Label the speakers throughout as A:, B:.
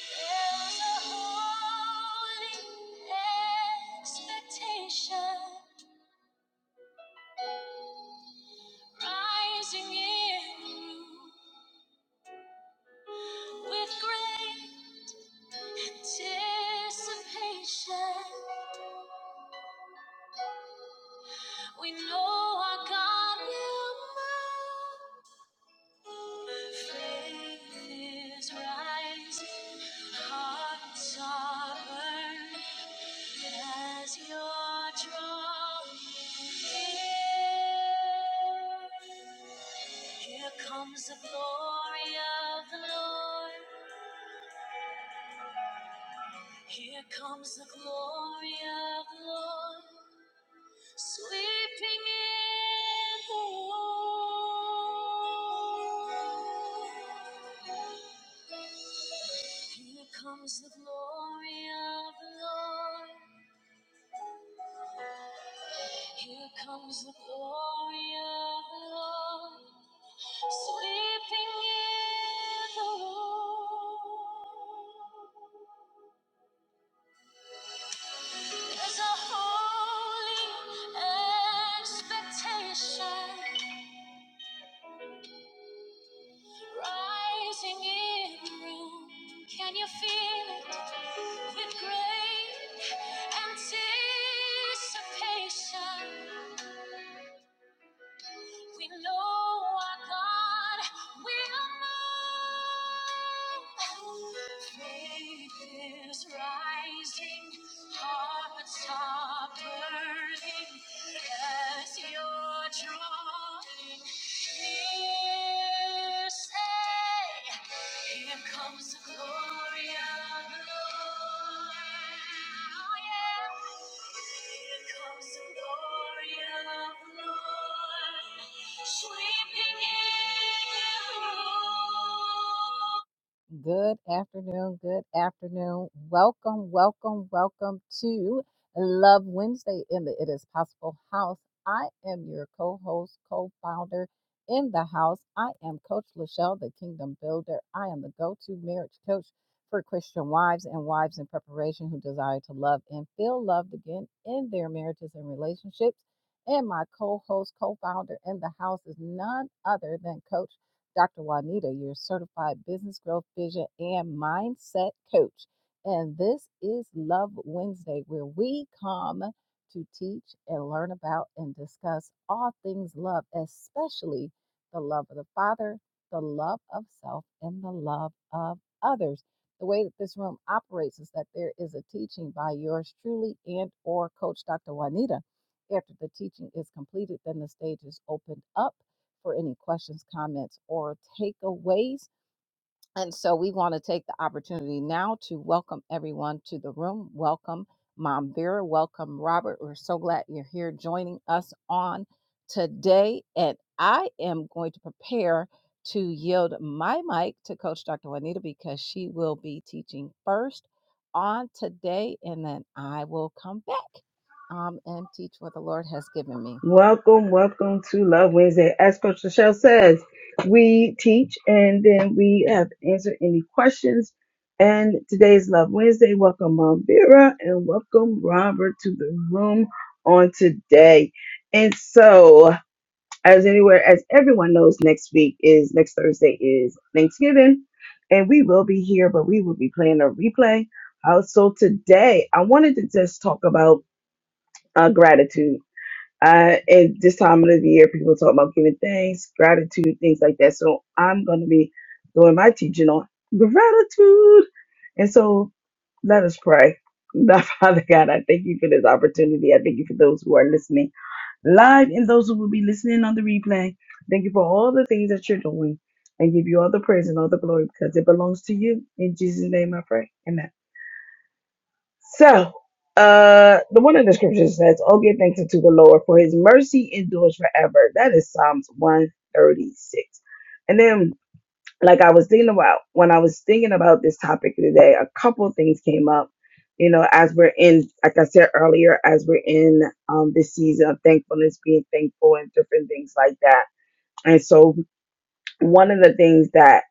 A: There's a holy expectation rising in the room. with great anticipation. We know our God will move. Faith is rising, hearts are burning as you're drawn near. Here comes the glory of the Lord. Here comes the glory of the Lord. Sweeping in the Lord. Here comes the glory of the Lord. Here comes the glory of the Lord. Sweeping in the Lord. There's a holy expectation. Rising in the room, can you feel it? With great anticipation, we know our God will move. Faith is rising, hearts are burning as you're drawn. Here say, here comes the glory of the Lord. Oh, yeah. Here comes the glory of the Lord, sweeping in. Good afternoon. Good afternoon. Welcome, welcome, welcome to Love Wednesday in the It Is Possible House. I am your co host, co founder in the house. I am Coach Lachelle, the Kingdom Builder. I am the go to marriage coach for Christian wives and wives in preparation who desire to love and feel loved again in their marriages and relationships. And my co host, co founder in the house is none other than Coach Dr. Juanita, your certified business growth vision and mindset coach. And this is Love Wednesday, where we come to teach and learn about and discuss all things love, especially the love of the Father, the love of self, and the love of others. The way that this room operates is that there is a teaching by yours truly and or coach Dr. Juanita. After the teaching is completed, then the stage is opened up for any questions, comments, or takeaways. And so we want to take the opportunity now to welcome everyone to the room. Welcome, Mom Vera. Welcome, Robert. We're so glad you're here joining us on today. And I am going to prepare to yield my mic to Coach Dr. Juanita because she will be teaching first on today, and then I will come back um, and teach what the Lord has given me.
B: Welcome, welcome to Love Wednesday. As Coach Michelle says, we teach and then we have answered any questions. And today's Love Wednesday. Welcome, Mom Vera, and welcome Robert to the room on today. And so, as anywhere, as everyone knows, next week is next Thursday is Thanksgiving, and we will be here, but we will be playing a replay. Uh, so today, I wanted to just talk about uh, gratitude uh, at this time of the year, people talk about giving thanks, gratitude, things like that. So I'm going to be doing my teaching on gratitude. And so let us pray. Now, Father God, I thank you for this opportunity. I thank you for those who are listening live and those who will be listening on the replay. Thank you for all the things that you're doing and give you all the praise and all the glory because it belongs to you. In Jesus' name I pray. Amen. So, uh, the one in the scripture says, Oh, give thanks unto the Lord, for his mercy endures forever. That is Psalms 136. And then, like I was thinking about, when I was thinking about this topic today, a couple things came up. You know, as we're in, like I said earlier, as we're in um, this season of thankfulness, being thankful, and different things like that. And so, one of the things that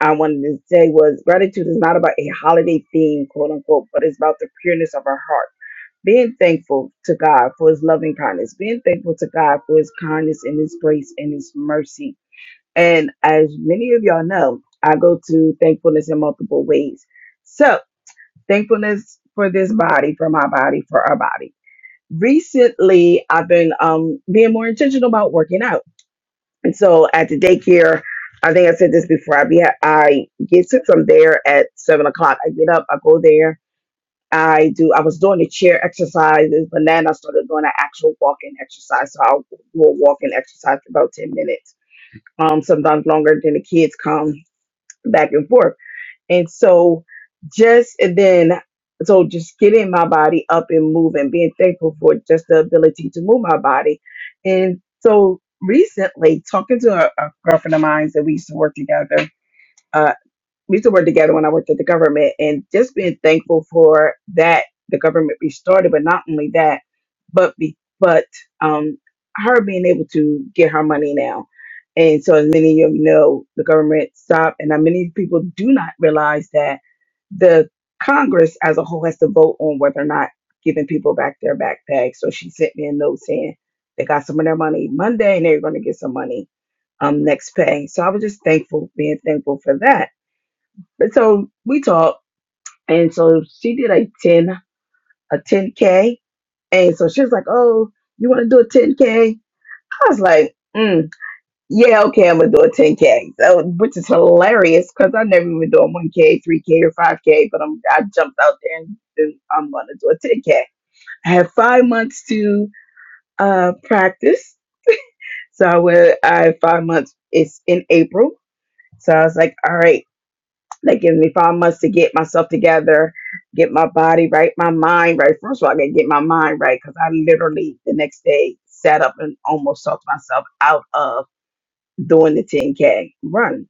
B: I wanted to say was gratitude is not about a holiday theme, quote unquote, but it's about the pureness of our heart being thankful to God for his loving kindness, being thankful to God for his kindness and his grace and his mercy. And as many of y'all know, I go to thankfulness in multiple ways. So, thankfulness for this body, for my body, for our body. Recently, I've been um, being more intentional about working out. And so at the daycare, I think I said this before. I be I get to from there at seven o'clock. I get up, I go there, I do. I was doing the chair exercises, but then I started doing an actual walking exercise. So I'll do a walking exercise for about ten minutes. Um, sometimes longer. Then the kids come back and forth, and so just and then so just getting my body up and moving, being thankful for just the ability to move my body, and so recently talking to a, a girlfriend of mine that we used to work together. uh, we used to work together when I worked at the government and just being thankful for that the government restarted, but not only that, but be, but um her being able to get her money now. And so as many of you know, the government stopped and uh, many people do not realize that the Congress as a whole has to vote on whether or not giving people back their backpacks. So she sent me a note saying they got some of their money Monday and they're gonna get some money um next pay. So I was just thankful, being thankful for that but so we talked, and so she did a ten a ten k, and so she was like, "Oh, you want to do a ten k?" I was like, mm, "Yeah, okay, I'm gonna do a ten k," so, which is hilarious because I never even do a one k, three k, or five k, but I'm I jumped out there and, and I'm gonna do a ten k. I had five months to uh practice, so I went. I had five months. It's in April, so I was like, "All right." They give me five months to get myself together, get my body right, my mind right. First of all, I gotta get my mind right because I literally the next day sat up and almost talked myself out of doing the 10K run.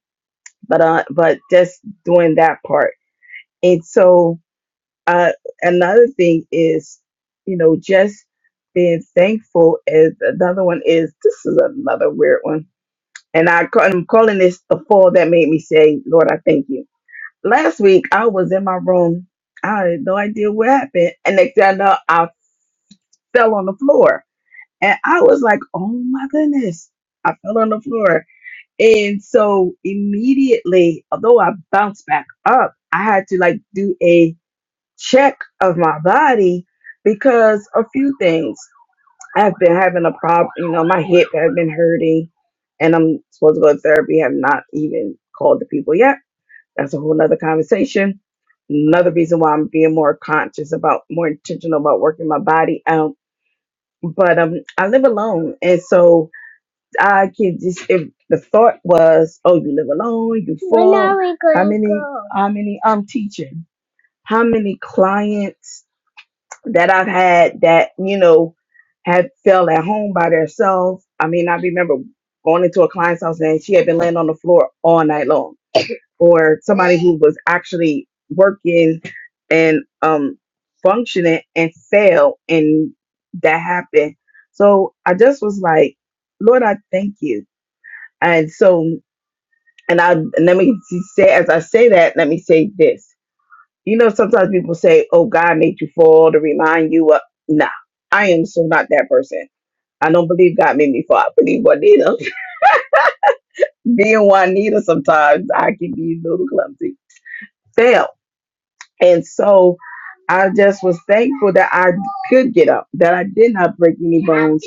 B: But uh, but just doing that part. And so uh, another thing is, you know, just being thankful. Is another one is this is another weird one. And I, ca- I'm calling this the fall that made me say, Lord, I thank you last week I was in my room. I had no idea what happened. And next thing I know, I fell on the floor. And I was like, oh my goodness. I fell on the floor. And so immediately, although I bounced back up, I had to like do a check of my body because a few things. I've been having a problem, you know, my hip has been hurting and I'm supposed to go to therapy, have not even called the people yet that's a whole nother conversation. Another reason why I'm being more conscious about, more intentional about working my body out. But um, I live alone, and so I can just. If the thought was, "Oh, you live alone, you When fall." are we how gonna many? go? How many? I'm teaching. How many clients that I've had that you know had fell at home by themselves? I mean, I remember going into a client's house and she had been laying on the floor all night long or somebody who was actually working and um functioning and failed and that happened. So I just was like, Lord, I thank you. And so and I and let me say as I say that, let me say this. You know, sometimes people say, Oh, God made you fall to remind you of nah, I am so not that person. I don't believe God made me fall. I believe Juanita. Being Juanita sometimes I can be a little clumsy. Fail. And so I just was thankful that I could get up, that I did not break any bones.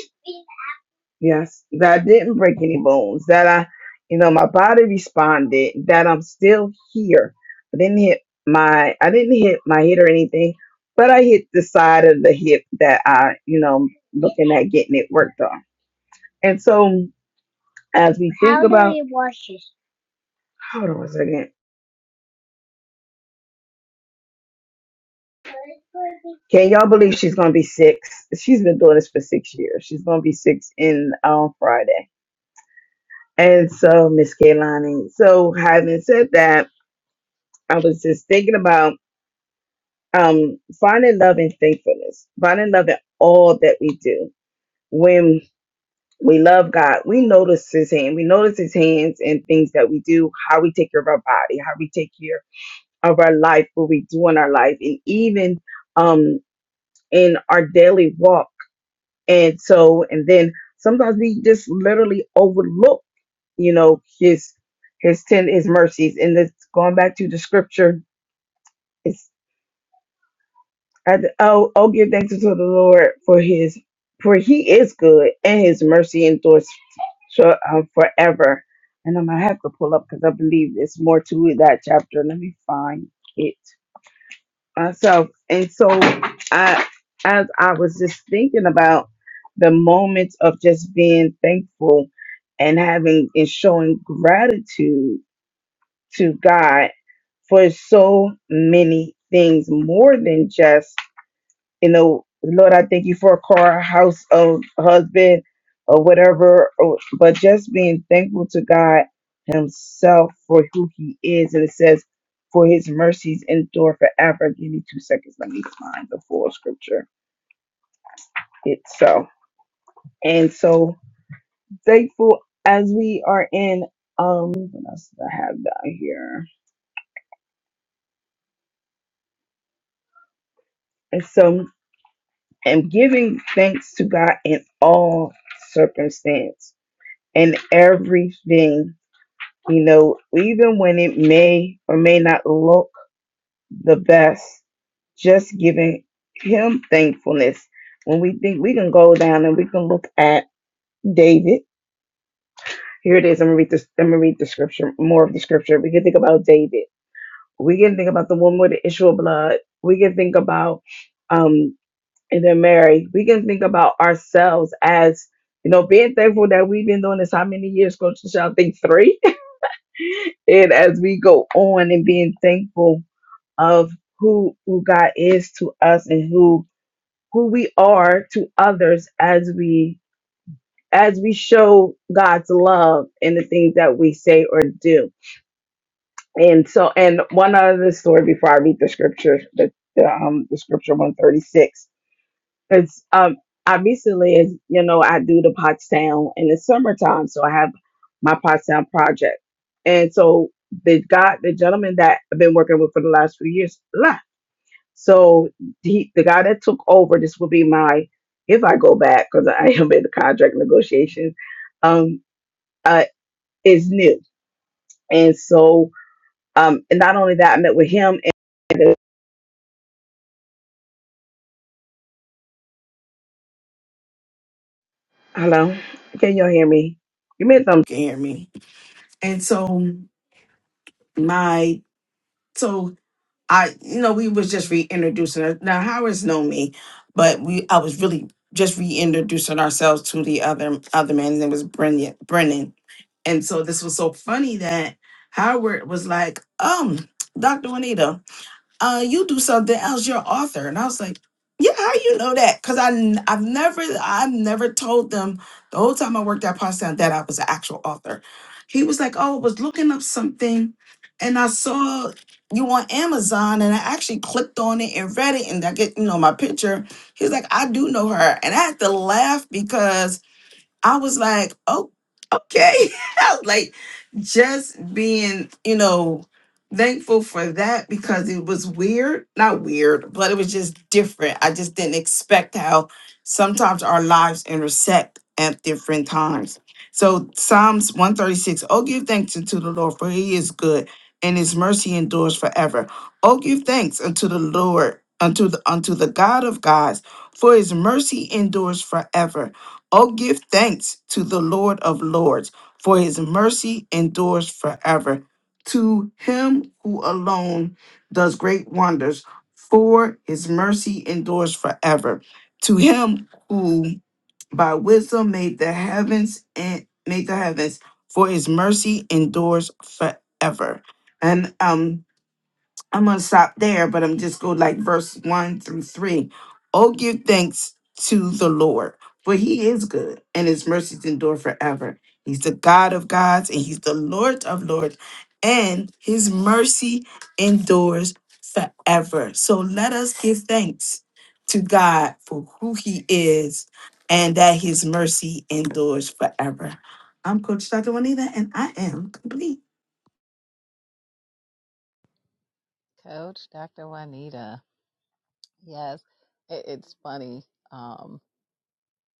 B: Yes, that I didn't break any bones, that I, you know, my body responded, that I'm still here. I didn't hit my, I didn't hit my head or anything, but I hit the side of the hip that I, you know, looking at getting it worked on. And so as we think about, hold on a second. Can y'all believe she's gonna be six? She's been doing this for six years. She's gonna be six in on Friday. And so Miss Kaylani. So having said that, I was just thinking about um finding love and thankfulness, finding love in all that we do. When we love God, we notice his hand. We notice his hands in things that we do, how we take care of our body, how we take care of our life, what we do in our life, and even um in our daily walk And so, and then sometimes we just literally overlook, you know, his his ten his mercies. And it's going back to the scripture. It's I, oh, oh, give thanks to the Lord for his for he is good and his mercy endures for- uh, forever. And I'm gonna have to pull up because I believe it's more to that chapter. Let me find it myself. And so I as I was just thinking about the moments of just being thankful and having and showing gratitude to God for so many things more than just you know, Lord, I thank you for a car, a house, a husband, or whatever. or- But just being thankful to God Himself for who He is. And it says, for His mercies endure forever. Give me two seconds. Let me find the full scripture itself. And so thankful as we are in, um, what else do I have down here? And so, and giving thanks to God in all circumstance and everything You know, even when it may or may not look the best, just giving him thankfulness. When we think we can go down and we can look at David. Here it is. I'm gonna read this. I'm gonna read the scripture, more of the scripture. We can think about David. We can think about the woman with the issue of blood. We can think about um and then Mary. We can think about ourselves as, you know, being thankful that we've been doing this how many years, Coach Michelle? I think three and as we go on and being thankful of who who God is to us and who who we are to others as we as we show God's love in the things that we say or do. And so and one other story before I read the scripture, the the, um the scripture 136. Because um, I recently, as you know, I do the Pottstown in the summertime, so I have my Pottstown project, and so the guy, the gentleman that I've been working with for the last few years, left. So he, the guy that took over, this will be my if I go back because I am in the contract negotiations, um, uh, is new, and so um, and not only that, I met with him and hello, can you all hear me? Give me a thumbs. Can hear me? And so my So I, you know, we was just reintroducing. Her. Now Howard's know me, but we I was really just reintroducing ourselves to the other other man. His name was Brennan. Brennan, and so this was so funny that Howard was like, um, Doctor Juanita uh, you do something else. You're an author." And I was like, "Yeah, how you know that?" Because I n- I've never I've never told them the whole time I worked at Potsdam that I was an actual author. He was like, "Oh, I was looking up something, and I saw." You on Amazon, and I actually clicked on it and read it, and I get you know my picture. He's like, I do know her, and I had to laugh because I was like, oh, okay. like just being, you know, thankful for that because it was weird, not weird, but it was just different. I just didn't expect how sometimes our lives intersect at different times. So Psalms 136, oh, give thanks unto the Lord, for he is good and his mercy endures forever. Oh, give thanks unto the Lord, unto the unto the God of gods, for his mercy endures forever. Oh, give thanks to the Lord of Lords, for his mercy endures forever. To him who alone does great wonders, for his mercy endures forever. To him who by wisdom made the heavens and made the heavens, for his mercy endures forever. And um I'm gonna stop there, but I'm just go like verse one through three. Oh, give thanks to the Lord, for he is good and his mercies endure forever. He's the God of gods and he's the Lord of lords, and his mercy endures forever. So let us give thanks to God for who he is and that his mercy endures forever. I'm Coach Dr. Juanita, and I am complete.
A: Coach Dr. Juanita. Yes, it- it's funny. Um,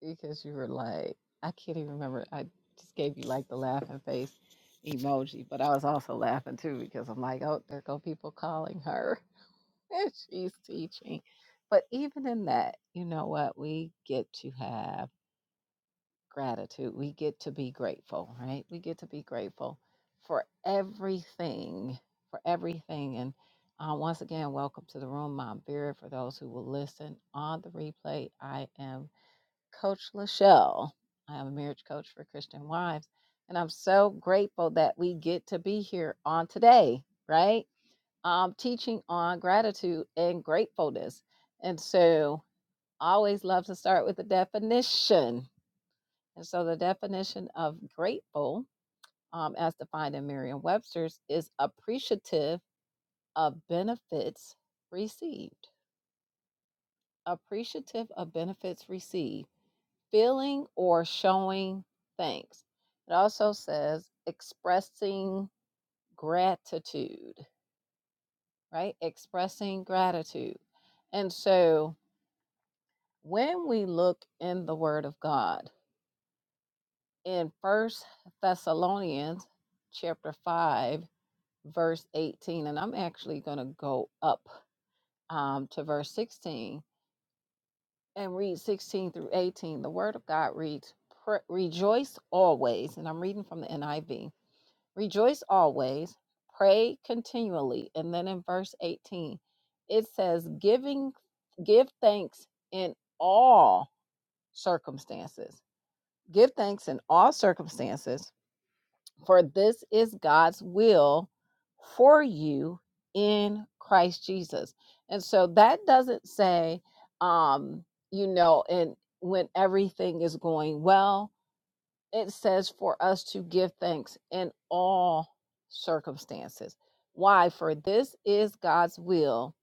A: because you were like, I can't even remember. I just gave you like the laughing face emoji, but I was also laughing too because I'm like, oh, there go people calling her. and She's teaching. But even in that, you know what? We get to have gratitude. We get to be grateful, right? We get to be grateful for everything, for everything. And uh, once again, welcome to the room, Mom Vera. For those who will listen on the replay, I am Coach Lachelle. I am a marriage coach for Christian wives. And I'm so grateful that we get to be here on today, right? Um, teaching on gratitude and gratefulness. And so I always love to start with the definition. And so the definition of grateful, um, as defined in Merriam Webster's, is appreciative of benefits received. Appreciative of benefits received feeling or showing thanks. It also says expressing gratitude, right? Expressing gratitude. And so when we look in the word of God in First Thessalonians chapter 5 verse 18 and I'm actually going to go up um, to verse 16 and read 16 through 18. The word of God reads rejoice always and I'm reading from the NIV Rejoice always, pray continually. And then in verse 18, it says, giving give thanks in all circumstances. Give thanks in all circumstances, for this is God's will for you in Christ Jesus. And so that doesn't say um, you know, and when everything is going well, it says for us to give thanks in all circumstances. Why? For this is God's will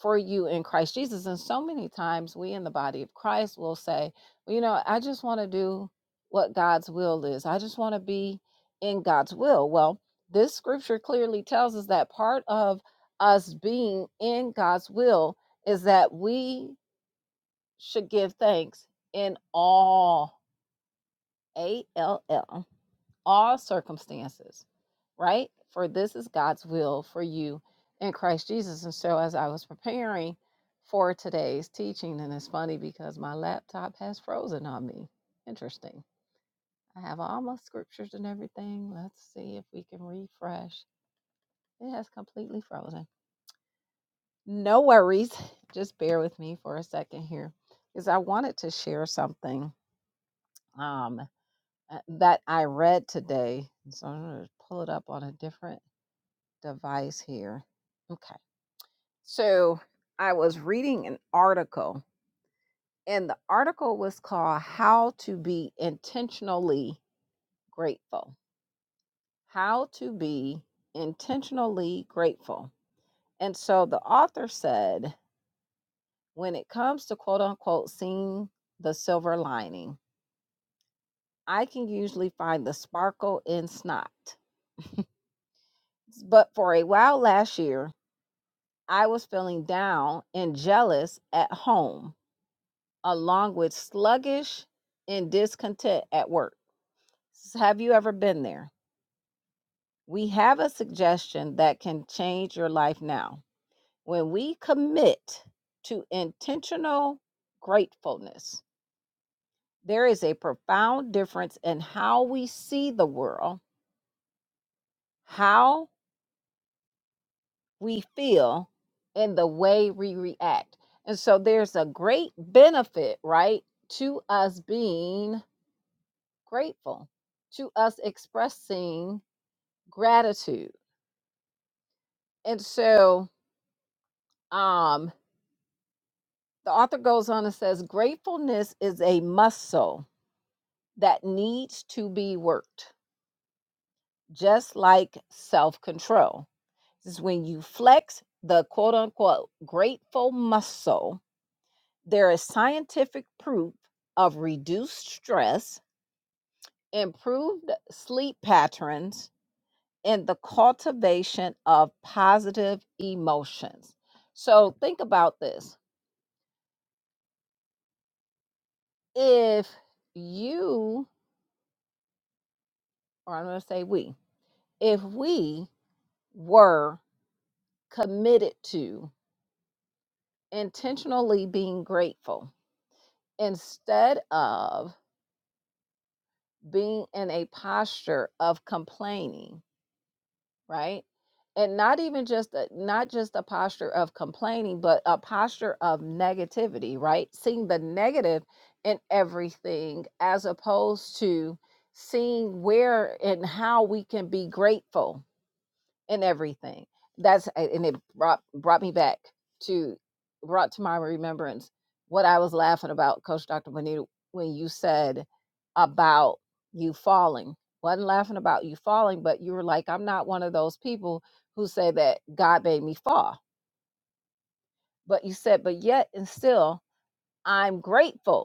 A: for you in Christ Jesus. And so many times we in the body of Christ will say, "Well, you know, I just want to do what God's will is. I just want to be in God's will. Well, this scripture clearly tells us that part of us being in God's will is that we should give thanks in all A L L all circumstances, right? For this is God's will for you in Christ Jesus. And so, as I was preparing for today's teaching, and it's funny because my laptop has frozen on me. Interesting. I have all my scriptures and everything. Let's see if we can refresh. It has completely frozen. No worries. Just bear with me for a second here because I wanted to share something um, uh, that I read today. So I'm going to pull it up on a different device here. Okay. So I was reading an article, and the article was called How to Be Intentionally Grateful. How to Be Intentionally Grateful. And so the author said, when it comes to quote unquote seeing the silver lining, I can usually find the sparkle in snot. But for a while last year, I was feeling down and jealous at home along with sluggish and discontent at work. Have you ever been there? We have a suggestion that can change your life now. When we commit to intentional gratefulness, there is a profound difference in how we see the world, how we feel, and the way we react. And so there's a great benefit, right, to us being grateful, to us expressing gratitude. And so um, the author goes on and says gratefulness is a muscle that needs to be worked, just like self control. This is when you flex the quote unquote grateful muscle, there is scientific proof of reduced stress, improved sleep patterns, and the cultivation of positive emotions. So think about this if you, or I'm going to say we, if we were committed to intentionally being grateful instead of being in a posture of complaining, right? And not even just a, not just a posture of complaining, but a posture of negativity, right? Seeing the negative in everything as opposed to seeing where and how we can be grateful and everything. That's and it brought brought me back to brought to my remembrance what I was laughing about, Coach Dr. Bonita, when you said about you falling. Wasn't laughing about you falling, but you were like, I'm not one of those people who say that God made me fall. But you said, but yet and still, I'm grateful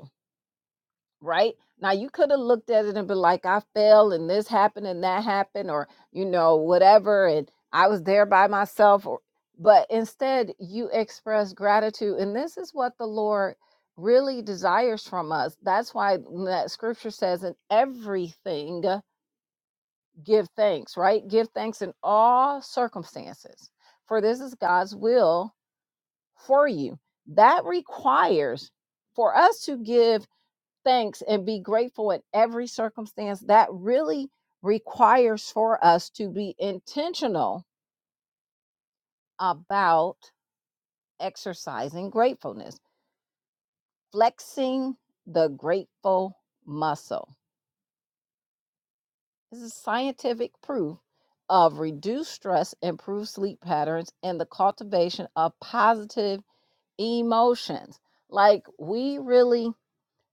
A: right? Now you could have looked at it and been like, I fell and this happened and that happened, or you know, whatever, and I was there by myself, or but instead you express gratitude. And this is what the Lord really desires from us. That's why that scripture says, in everything give thanks, right? Give thanks in all circumstances, for this is God's will for you. That requires for us to give thanks and be grateful in every circumstance, that really requires for us to be intentional about exercising gratefulness, flexing the grateful muscle. This is scientific proof of reduced stress, improved sleep patterns, and the cultivation of positive emotions. Like, we really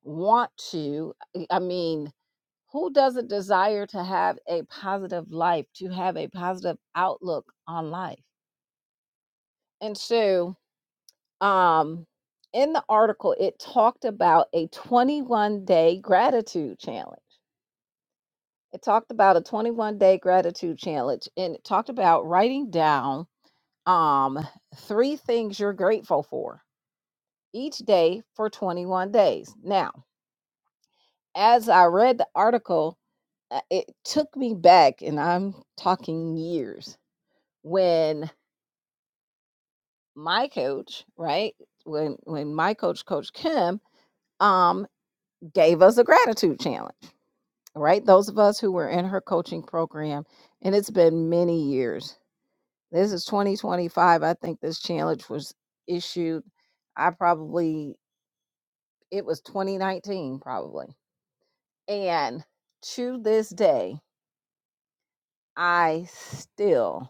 A: want to eh, i mean who doesn't desire to have a positive life to have a positive outlook on life and so um in the article it talked about a 21 day gratitude challenge it talked about a 21 day gratitude challenge and it talked about writing down um three things you're grateful for each day for 21 days now as I read the article, uh, it took me back, and I'm talking years when my coach, right? When when my coach, Coach Kim, um, gave us a gratitude challenge, right? Those of us who were in her coaching program, and it's been many years. This is 2025. I think this challenge was issued. I probably it was 2019, probably. And to this day, I still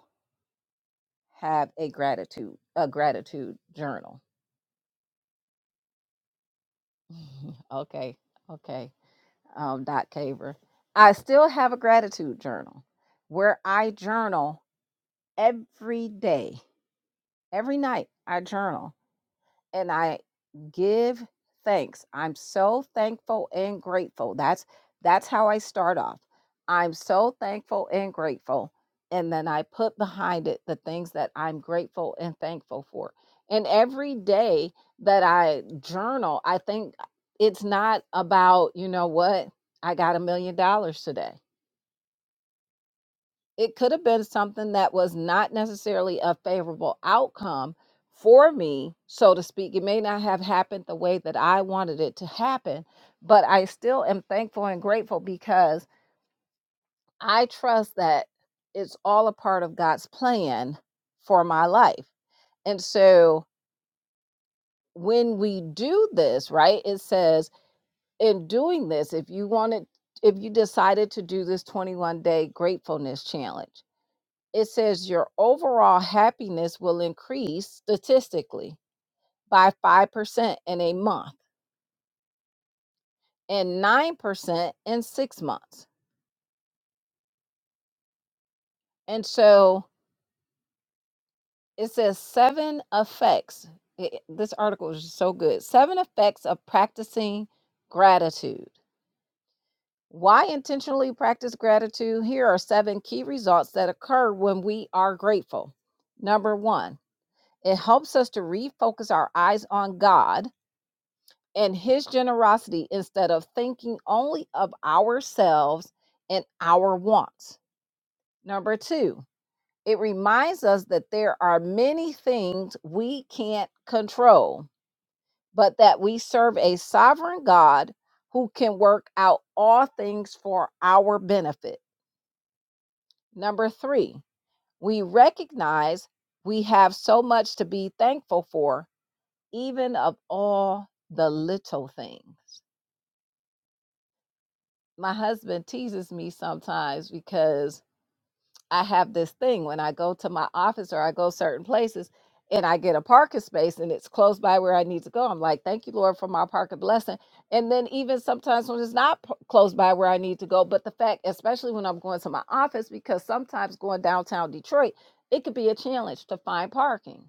A: have a gratitude a gratitude journal. okay, okay, um, Doc Caver. I still have a gratitude journal where I journal every day, every night. I journal and I give thanks. I'm so thankful and grateful. That's that's how I start off. I'm so thankful and grateful. And then I put behind it the things that I'm grateful and thankful for. And every day that I journal, I think it's not about, you know what, I got a million dollars today it could have been something that was not necessarily a favorable outcome for me, so to speak. It may not have happened the way that I wanted it to happen, but I still am thankful and grateful because I trust that it's all a part of God's plan for my life. And so when we do this, right, it says, in doing this, if you wanted, if you decided to do this 21 day gratefulness challenge, it says your overall happiness will increase statistically by 5% in a month and 9% in six months. And so it says seven effects. i- This article is so good. Seven effects of practicing gratitude. Why intentionally practice gratitude? Here are seven key results that occur when we are grateful. Number one, it helps us to refocus our eyes on God and his generosity instead of thinking only of ourselves and our wants. Number two, it reminds us that there are many things we can't control, but that we serve a sovereign God who can work out all things for our benefit. Number three, we recognize we have so much to be thankful for, even of all the little things. my husband teases me sometimes because I have this thing when I go to my office or I go certain places and I get a parking space and it's close by where I need to go. I'm like, thank you, Lord, for my parking blessing. And then even sometimes when it's not p- close by where I need to go, but the fact, especially when I'm going to my office, because sometimes going downtown Detroit, it could be a challenge to find parking.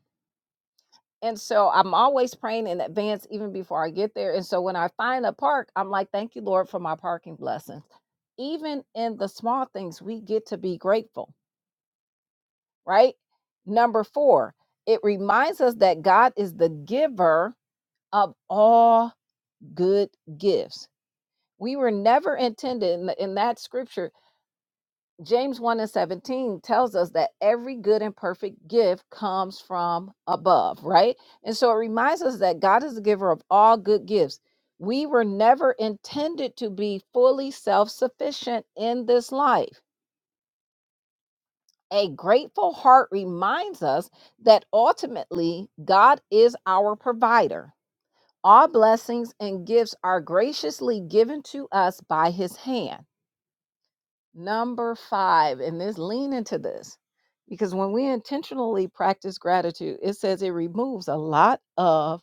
A: And so I'm always praying in advance, even before I get there. And so when I find a park, I'm like, thank you, Lord, for my parking blessings. Even in the small things, we get to be grateful, right? Number four, it reminds us that God is the giver of all good gifts. We were never intended in, the- in that scripture James 1 and 17 tells us that every good and perfect gift comes from above, right? And so it reminds us that God is the giver of all good gifts. We were never intended to be fully self sufficient in this life. A grateful heart reminds us that ultimately God is our provider. All blessings and gifts are graciously given to us by his hand. Number five, and this lean into this because when we intentionally practice gratitude, it says it removes a lot of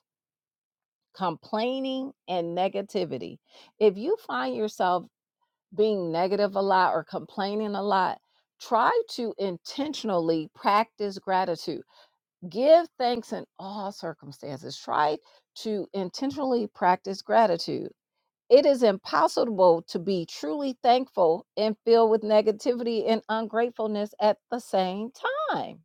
A: complaining and negativity. If you find yourself being negative a lot or complaining a lot, try to intentionally practice gratitude. Give thanks in all circumstances. Try to intentionally practice gratitude it is impossible to be truly thankful and filled with negativity and ungratefulness at the same time.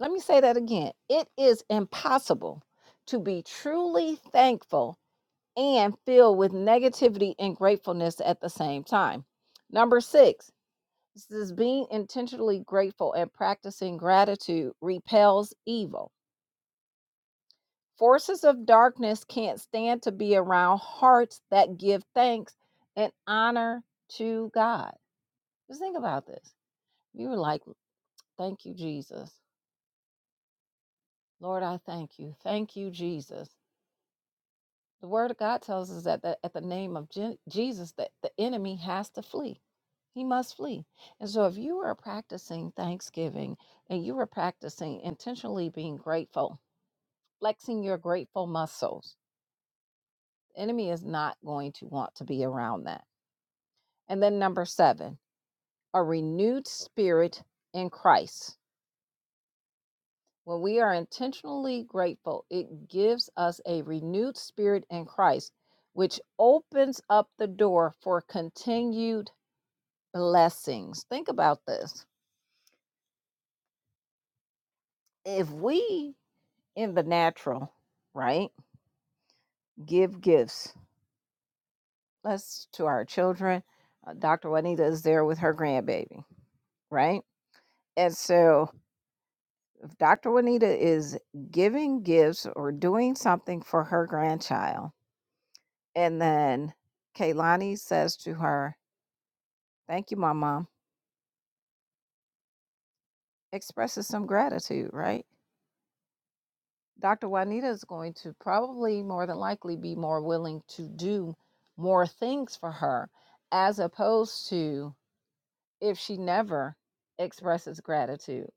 A: Let me say that again. It is impossible to be truly thankful and filled with negativity and gratefulness at the same time. Number six, this is being intentionally grateful and practicing gratitude repels evil. Forces of darkness can't stand to be around hearts that give thanks and honor to God. Just think about this. You were like, Thank you, Jesus. Lord, I thank you. Thank you, Jesus. The word of God tells us that the, at the name of Je- Jesus, that the enemy has to flee. He must flee. And so if you are practicing thanksgiving and you are practicing intentionally being grateful, flexing your grateful muscles, the enemy is not going to want to be around that And then number seven, a renewed spirit in Christ. When we are intentionally grateful, it gives us a renewed spirit in Christ, which opens up the door for continued blessings. Think about this. If we in the natural, right, give gifts, let's to our children, uh, Dr. Juanita is there with her grandbaby, right? And so If Dr. Juanita is giving gifts or doing something for her grandchild, and then Kaylani says to her, Thank you, my mom, expresses some gratitude, right? Dr. Juanita is going to probably more than likely be more willing to do more things for her as opposed to if she never expresses gratitude.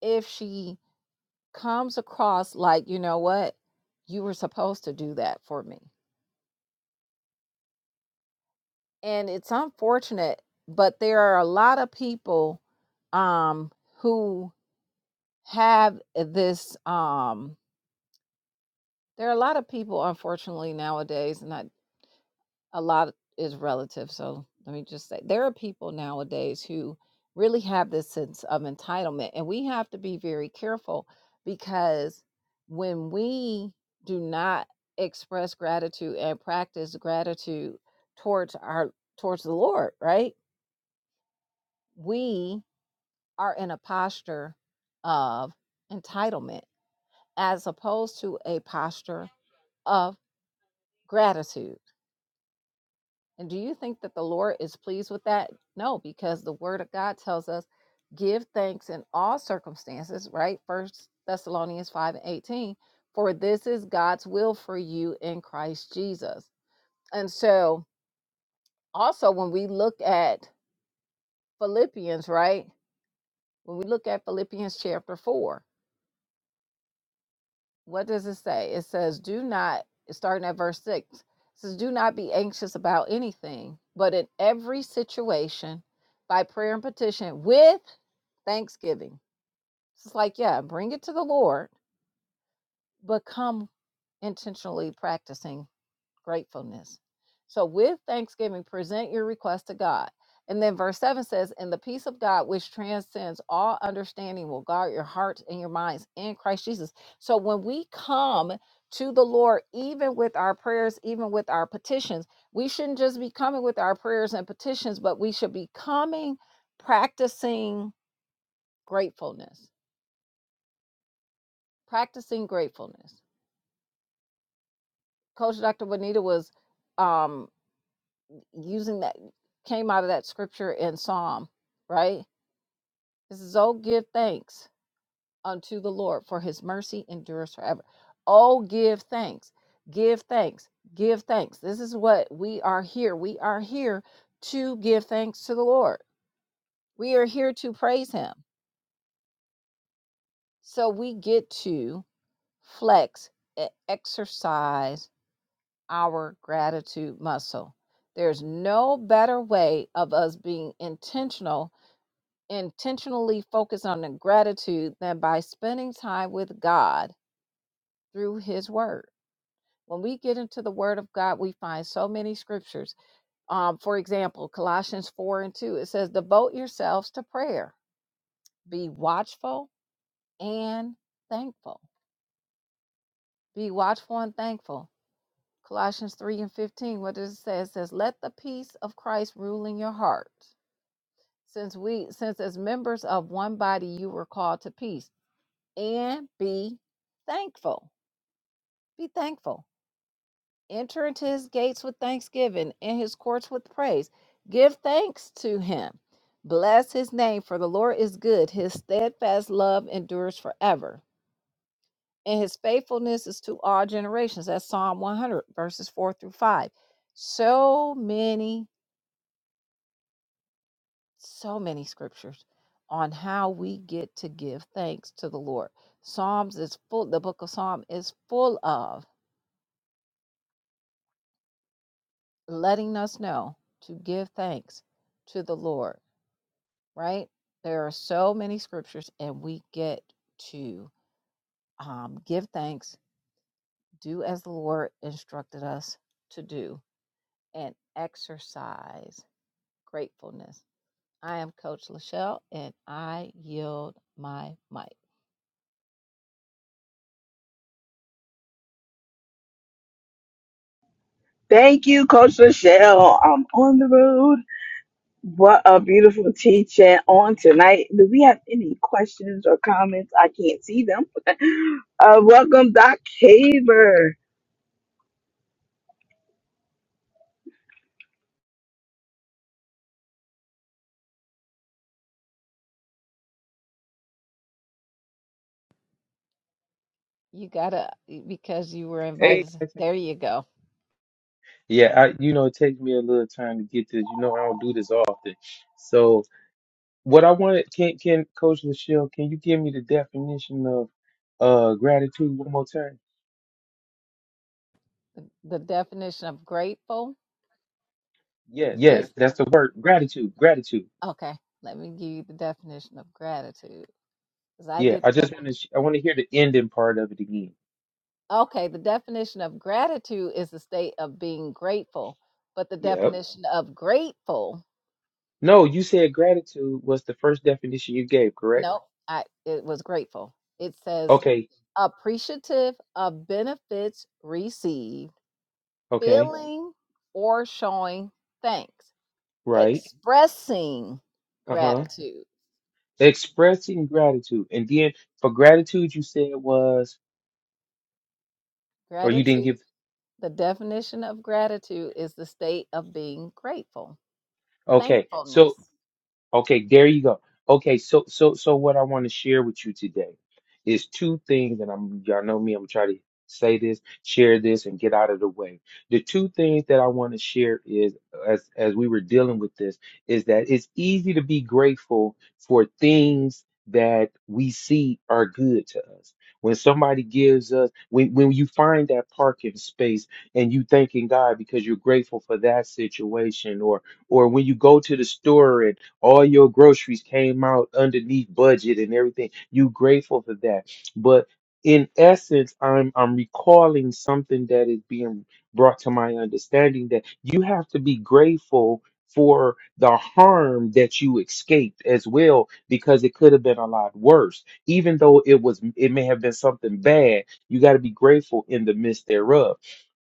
A: If she comes across like, you know what, you were supposed to do that for me and it's unfortunate, but there are a lot of people um who have this um there are a lot of people unfortunately nowadays and not a lot is relative so let me just say there are people nowadays who really have this sense of entitlement and we have to be very careful because when we do not express gratitude and practice gratitude towards our towards the lord right we are in a posture of entitlement as opposed to a posture of gratitude. And do you think that the Lord is pleased with that? No, because the word of God tells us give thanks in all circumstances, right? First Thessalonians 5 and 18, for this is God's will for you in Christ Jesus. And so also when we look at Philippians, right? When we look at Philippians chapter 4, what does it say? It says, do not, starting at verse six, it says, do not be anxious about anything, but in every situation, by prayer and petition, with thanksgiving. It's like, yeah, bring it to the Lord, but come intentionally practicing gratefulness. So, with thanksgiving, present your request to God. And then verse 7 says, And the peace of God, which transcends all understanding, will guard your hearts and your minds in Christ Jesus. So, when we come to the Lord, even with our prayers, even with our petitions, we shouldn't just be coming with our prayers and petitions, but we should be coming practicing gratefulness. Practicing gratefulness. Coach Dr. Bonita was. Um, using that came out of that scripture in Psalm, right? This is oh give thanks unto the Lord for his mercy endures forever. Oh give thanks. Give thanks. Give thanks. This is what we are here. We are here to give thanks to the Lord. We are here to praise him. So we get to flex and exercise our gratitude muscle. There's no better way of us being intentional intentionally focus on the gratitude than by spending time with God through His Word. When we get into the Word of God, we find so many scriptures. Um, for example, Colossians 4 and 2, it says, Devote yourselves to prayer, be watchful and thankful. Be watchful and thankful. Colossians 3 and 15, what does it say? It says, Let the peace of Christ rule in your heart. Since we, since as members of one body, you were called to peace and be thankful. Be thankful. Enter into his gates with thanksgiving and his courts with praise. Give thanks to him. Bless his name, for the Lord is good. His steadfast love endures forever, and his faithfulness is to all generations. That's Psalm 100, verses 4 through 5. So many, so many scriptures on how we get to give thanks to the Lord. Psalms is full, the book of Psalm is full of letting us know to give thanks to the Lord, right? There are so many scriptures, and we get to um, give thanks, do as the Lord instructed us to do, and exercise gratefulness. I am Coach Lachelle, and I yield my mic.
B: Thank you, Coach Michelle. I'm on the road. What a beautiful teaching on tonight. Do we have any questions or comments? I can't see them. Uh, welcome, Doc Haver.
A: You gotta, because you were Hey,
C: Hey
A: invited. Hey.
C: guys,
A: There you go.
C: yeah, I you know it takes me a little time to get this. You know I don't do this often, so what I wanted can can Coach Lachelle, can you give me the definition of uh gratitude one more time?
A: The, the definition of grateful yes. is
C: Yes, that's the word gratitude, gratitude.
A: okay. Let me give you the definition of gratitude. Because I
C: Yeah,
A: did the
C: I just want
A: definition.
C: to I want to hear the ending part of it again.
A: Okay, the definition of gratitude is the state of being grateful, but the
C: Yep.
A: definition of grateful,
C: No, you said gratitude was the first definition you gave, correct?
A: no, I it was grateful. It says
C: Okay,
A: appreciative of benefits received,
C: okay,
A: feeling or showing thanks,
C: right.
A: expressing
C: Uh-huh.
A: gratitude.
C: Expressing gratitude, and then for gratitude you said was, or you didn't
A: Gratitude.
C: give
A: The definition of gratitude is the state of being grateful,
C: Okay, so
A: thankfulness.
C: Okay, there you go. Okay, so so so what I want to share with you today is two things, and I'm y'all know me, I'm gonna try to say this, share this, and get out of the way. The two things that I want to share is as as we were dealing with this, is that it's easy to be grateful for things that we see are good to us. When somebody gives us, when when you find that parking space and you thanking God because you're grateful for that situation, or or when you go to the store and all your groceries came out underneath budget and everything. You grateful for that. But in essence, I'm I'm recalling something that is being brought to my understanding that you have to be grateful for the harm that you escaped as well because it could have been a lot worse even though it was it may have been something bad you got to be grateful in the midst thereof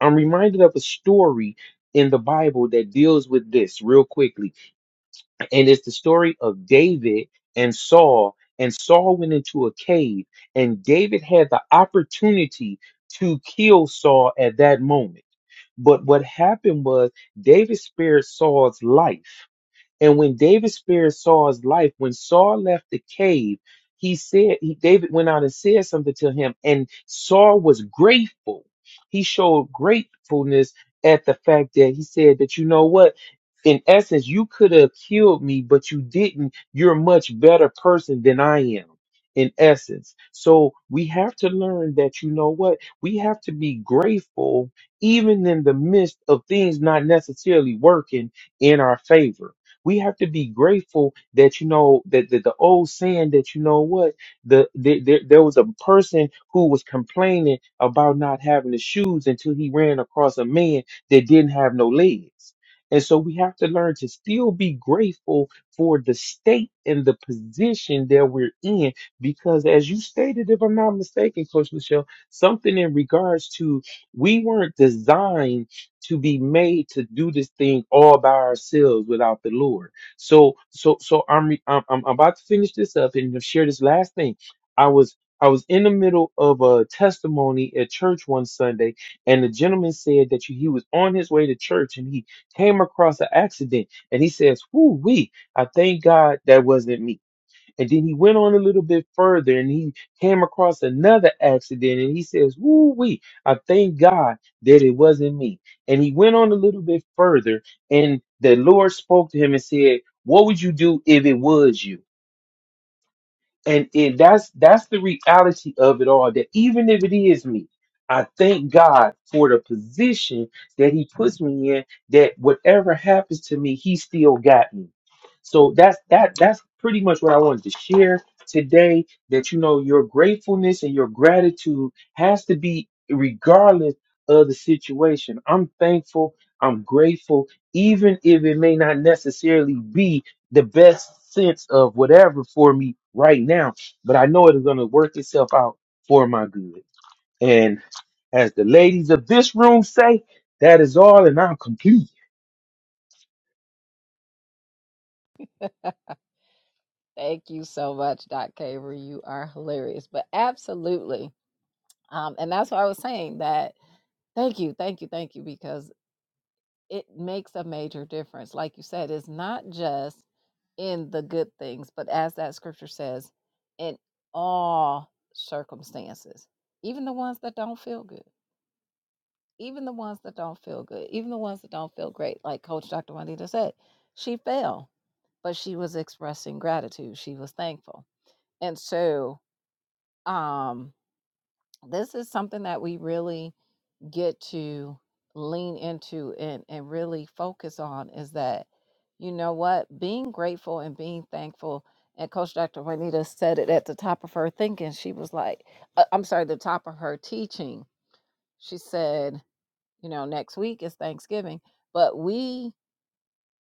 C: i'm reminded of a story in the bible that deals with this real quickly and it's the story of David and Saul. And Saul went into a cave, and David had the opportunity to kill Saul at that moment. But what happened was David spared Saul's life. And when David spared Saul's life, when Saul left the cave, he said, he, David went out and said something to him, and Saul was grateful. He showed gratefulness at the fact that he said that, you know what? in essence, you could have killed me, but you didn't. You're a much better person than I am, in essence. So we have to learn that, you know what? We have to be grateful, even in the midst of things not necessarily working in our favor. We have to be grateful that you know that, that the old saying that you know what the, the, there there was a person who was complaining about not having the shoes until he ran across a man that didn't have no legs and so we have to learn to still be grateful for the state and the position that we're in. Because as you stated, if I'm not mistaken, Coach Michelle, something in regards to we weren't designed to be made to do this thing all by ourselves without the Lord. So so so I'm re- I'm, I'm about to finish this up and share this last thing. I was I was in the middle of a testimony at church one Sunday, and the gentleman said that he was on his way to church and he came across an accident and he says, Whoo wee, I thank God that wasn't me. And then he went on a little bit further and he came across another accident and he says, Whoo wee, I thank God that it wasn't me. And he went on a little bit further and the Lord spoke to him and said, What would you do if it was you? and and that's that's the reality of it all that even if it is me i thank god for the position that he puts me in that whatever happens to me he still got me so that's that that's pretty much what i wanted to share today that you know your gratefulness and your gratitude has to be regardless of the situation i'm thankful i'm grateful even if it may not necessarily be the best sense of whatever for me right now. But I know it is going to work itself out for my good. And as the ladies of this room say, that is all, and I'm complete.
A: Thank you so much, Doc Caver. You are hilarious. But absolutely. Um, and that's why I was saying that thank you, thank you, thank you, because it makes a major difference. Like you said, it's not just in the good things, but as that scripture says, in all circumstances, even the ones that don't feel good, even the ones that don't feel good, even the ones that don't feel great. Like Coach Dr. Juanita said, she fell, but she was expressing gratitude. She was thankful. And so um this is something that we really get to lean into and and really focus on is that you know what being grateful and being thankful and coach dr juanita said it at the top of her thinking she was like uh, i'm sorry the top of her teaching she said you know next week is thanksgiving but we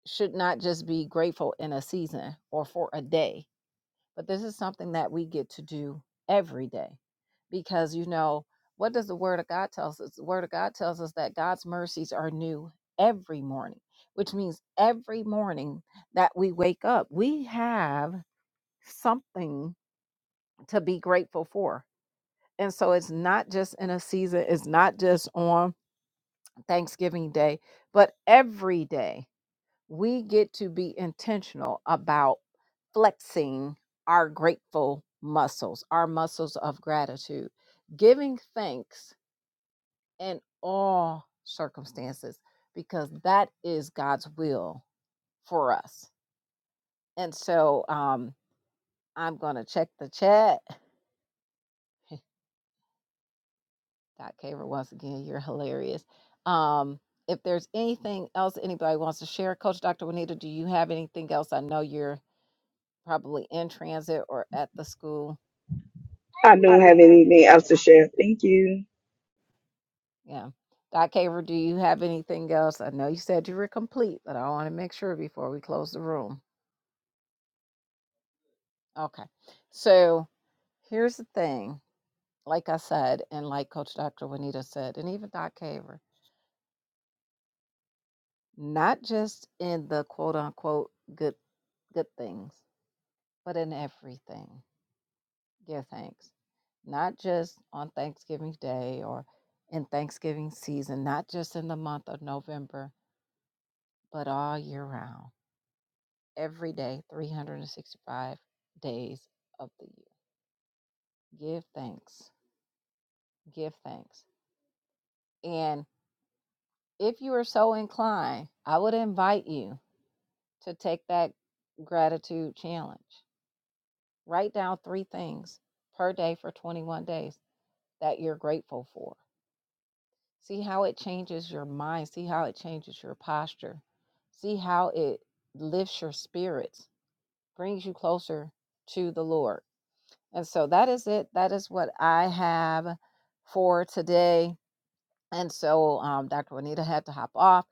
A: should not just be grateful in a season or for a day but this is something that we get to do every day because, you know, what does the Word of God tell us? The Word of God tells us that God's mercies are new every morning, which means every morning that we wake up, we have something to be grateful for. And so it's not just in a season, it's not just on Thanksgiving Day, but every day we get to be intentional about flexing our grateful muscles, our muscles of gratitude, giving thanks in all circumstances, because that is God's will for us. And so um, I'm going to check the chat. Dot Caver, once again, you're hilarious. Um, if there's anything else anybody wants to share, Coach Dr. Juanita, do you have anything else? I know you're probably in transit or at the school.
B: I don't have anything else to share. Thank you.
A: Yeah. Doc Haver, do you have anything else? I know you said you were complete, but I want to make sure before we close the room. Okay. So here's the thing. Like I said, and like Coach Dr. Juanita said, and even Doc Haver, not just in the quote unquote good good things, but in everything. Give thanks. Not just on Thanksgiving Day or in Thanksgiving season, not just in the month of November, but all year round. every day, 365 days of the year. Give thanks. Give thanks. And if you are so inclined, I would invite you to take that gratitude challenge. Write down three things per day for 21 days that you're grateful for. See how it changes your mind. See how it changes your posture. See how it lifts your spirits, brings you closer to the Lord. And so that is it. That is what I have for today. And so um, Dr. Juanita had to hop off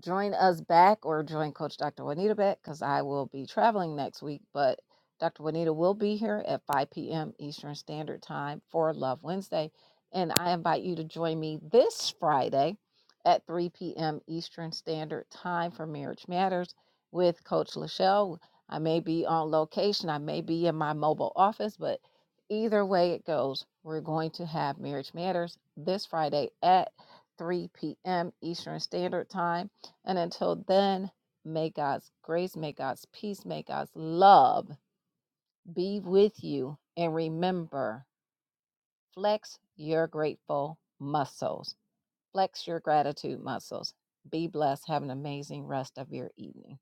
A: join us back or join Coach Dr. Juanita back because I will be traveling next week. But Dr. Juanita will be here at 5 p.m. Eastern Standard Time for Love Wednesday. And I invite you to join me this Friday at 3 p.m. Eastern Standard Time for Marriage Matters with Coach Lachelle. I may be on location, I may be in my mobile office, but either way it goes, we're going to have Marriage Matters this Friday at 3 p.m. Eastern Standard Time and until then, may God's grace, may God's peace, may God's love be with you. And remember, flex your grateful muscles, flex your gratitude muscles. Be blessed. Have an amazing rest of your evening.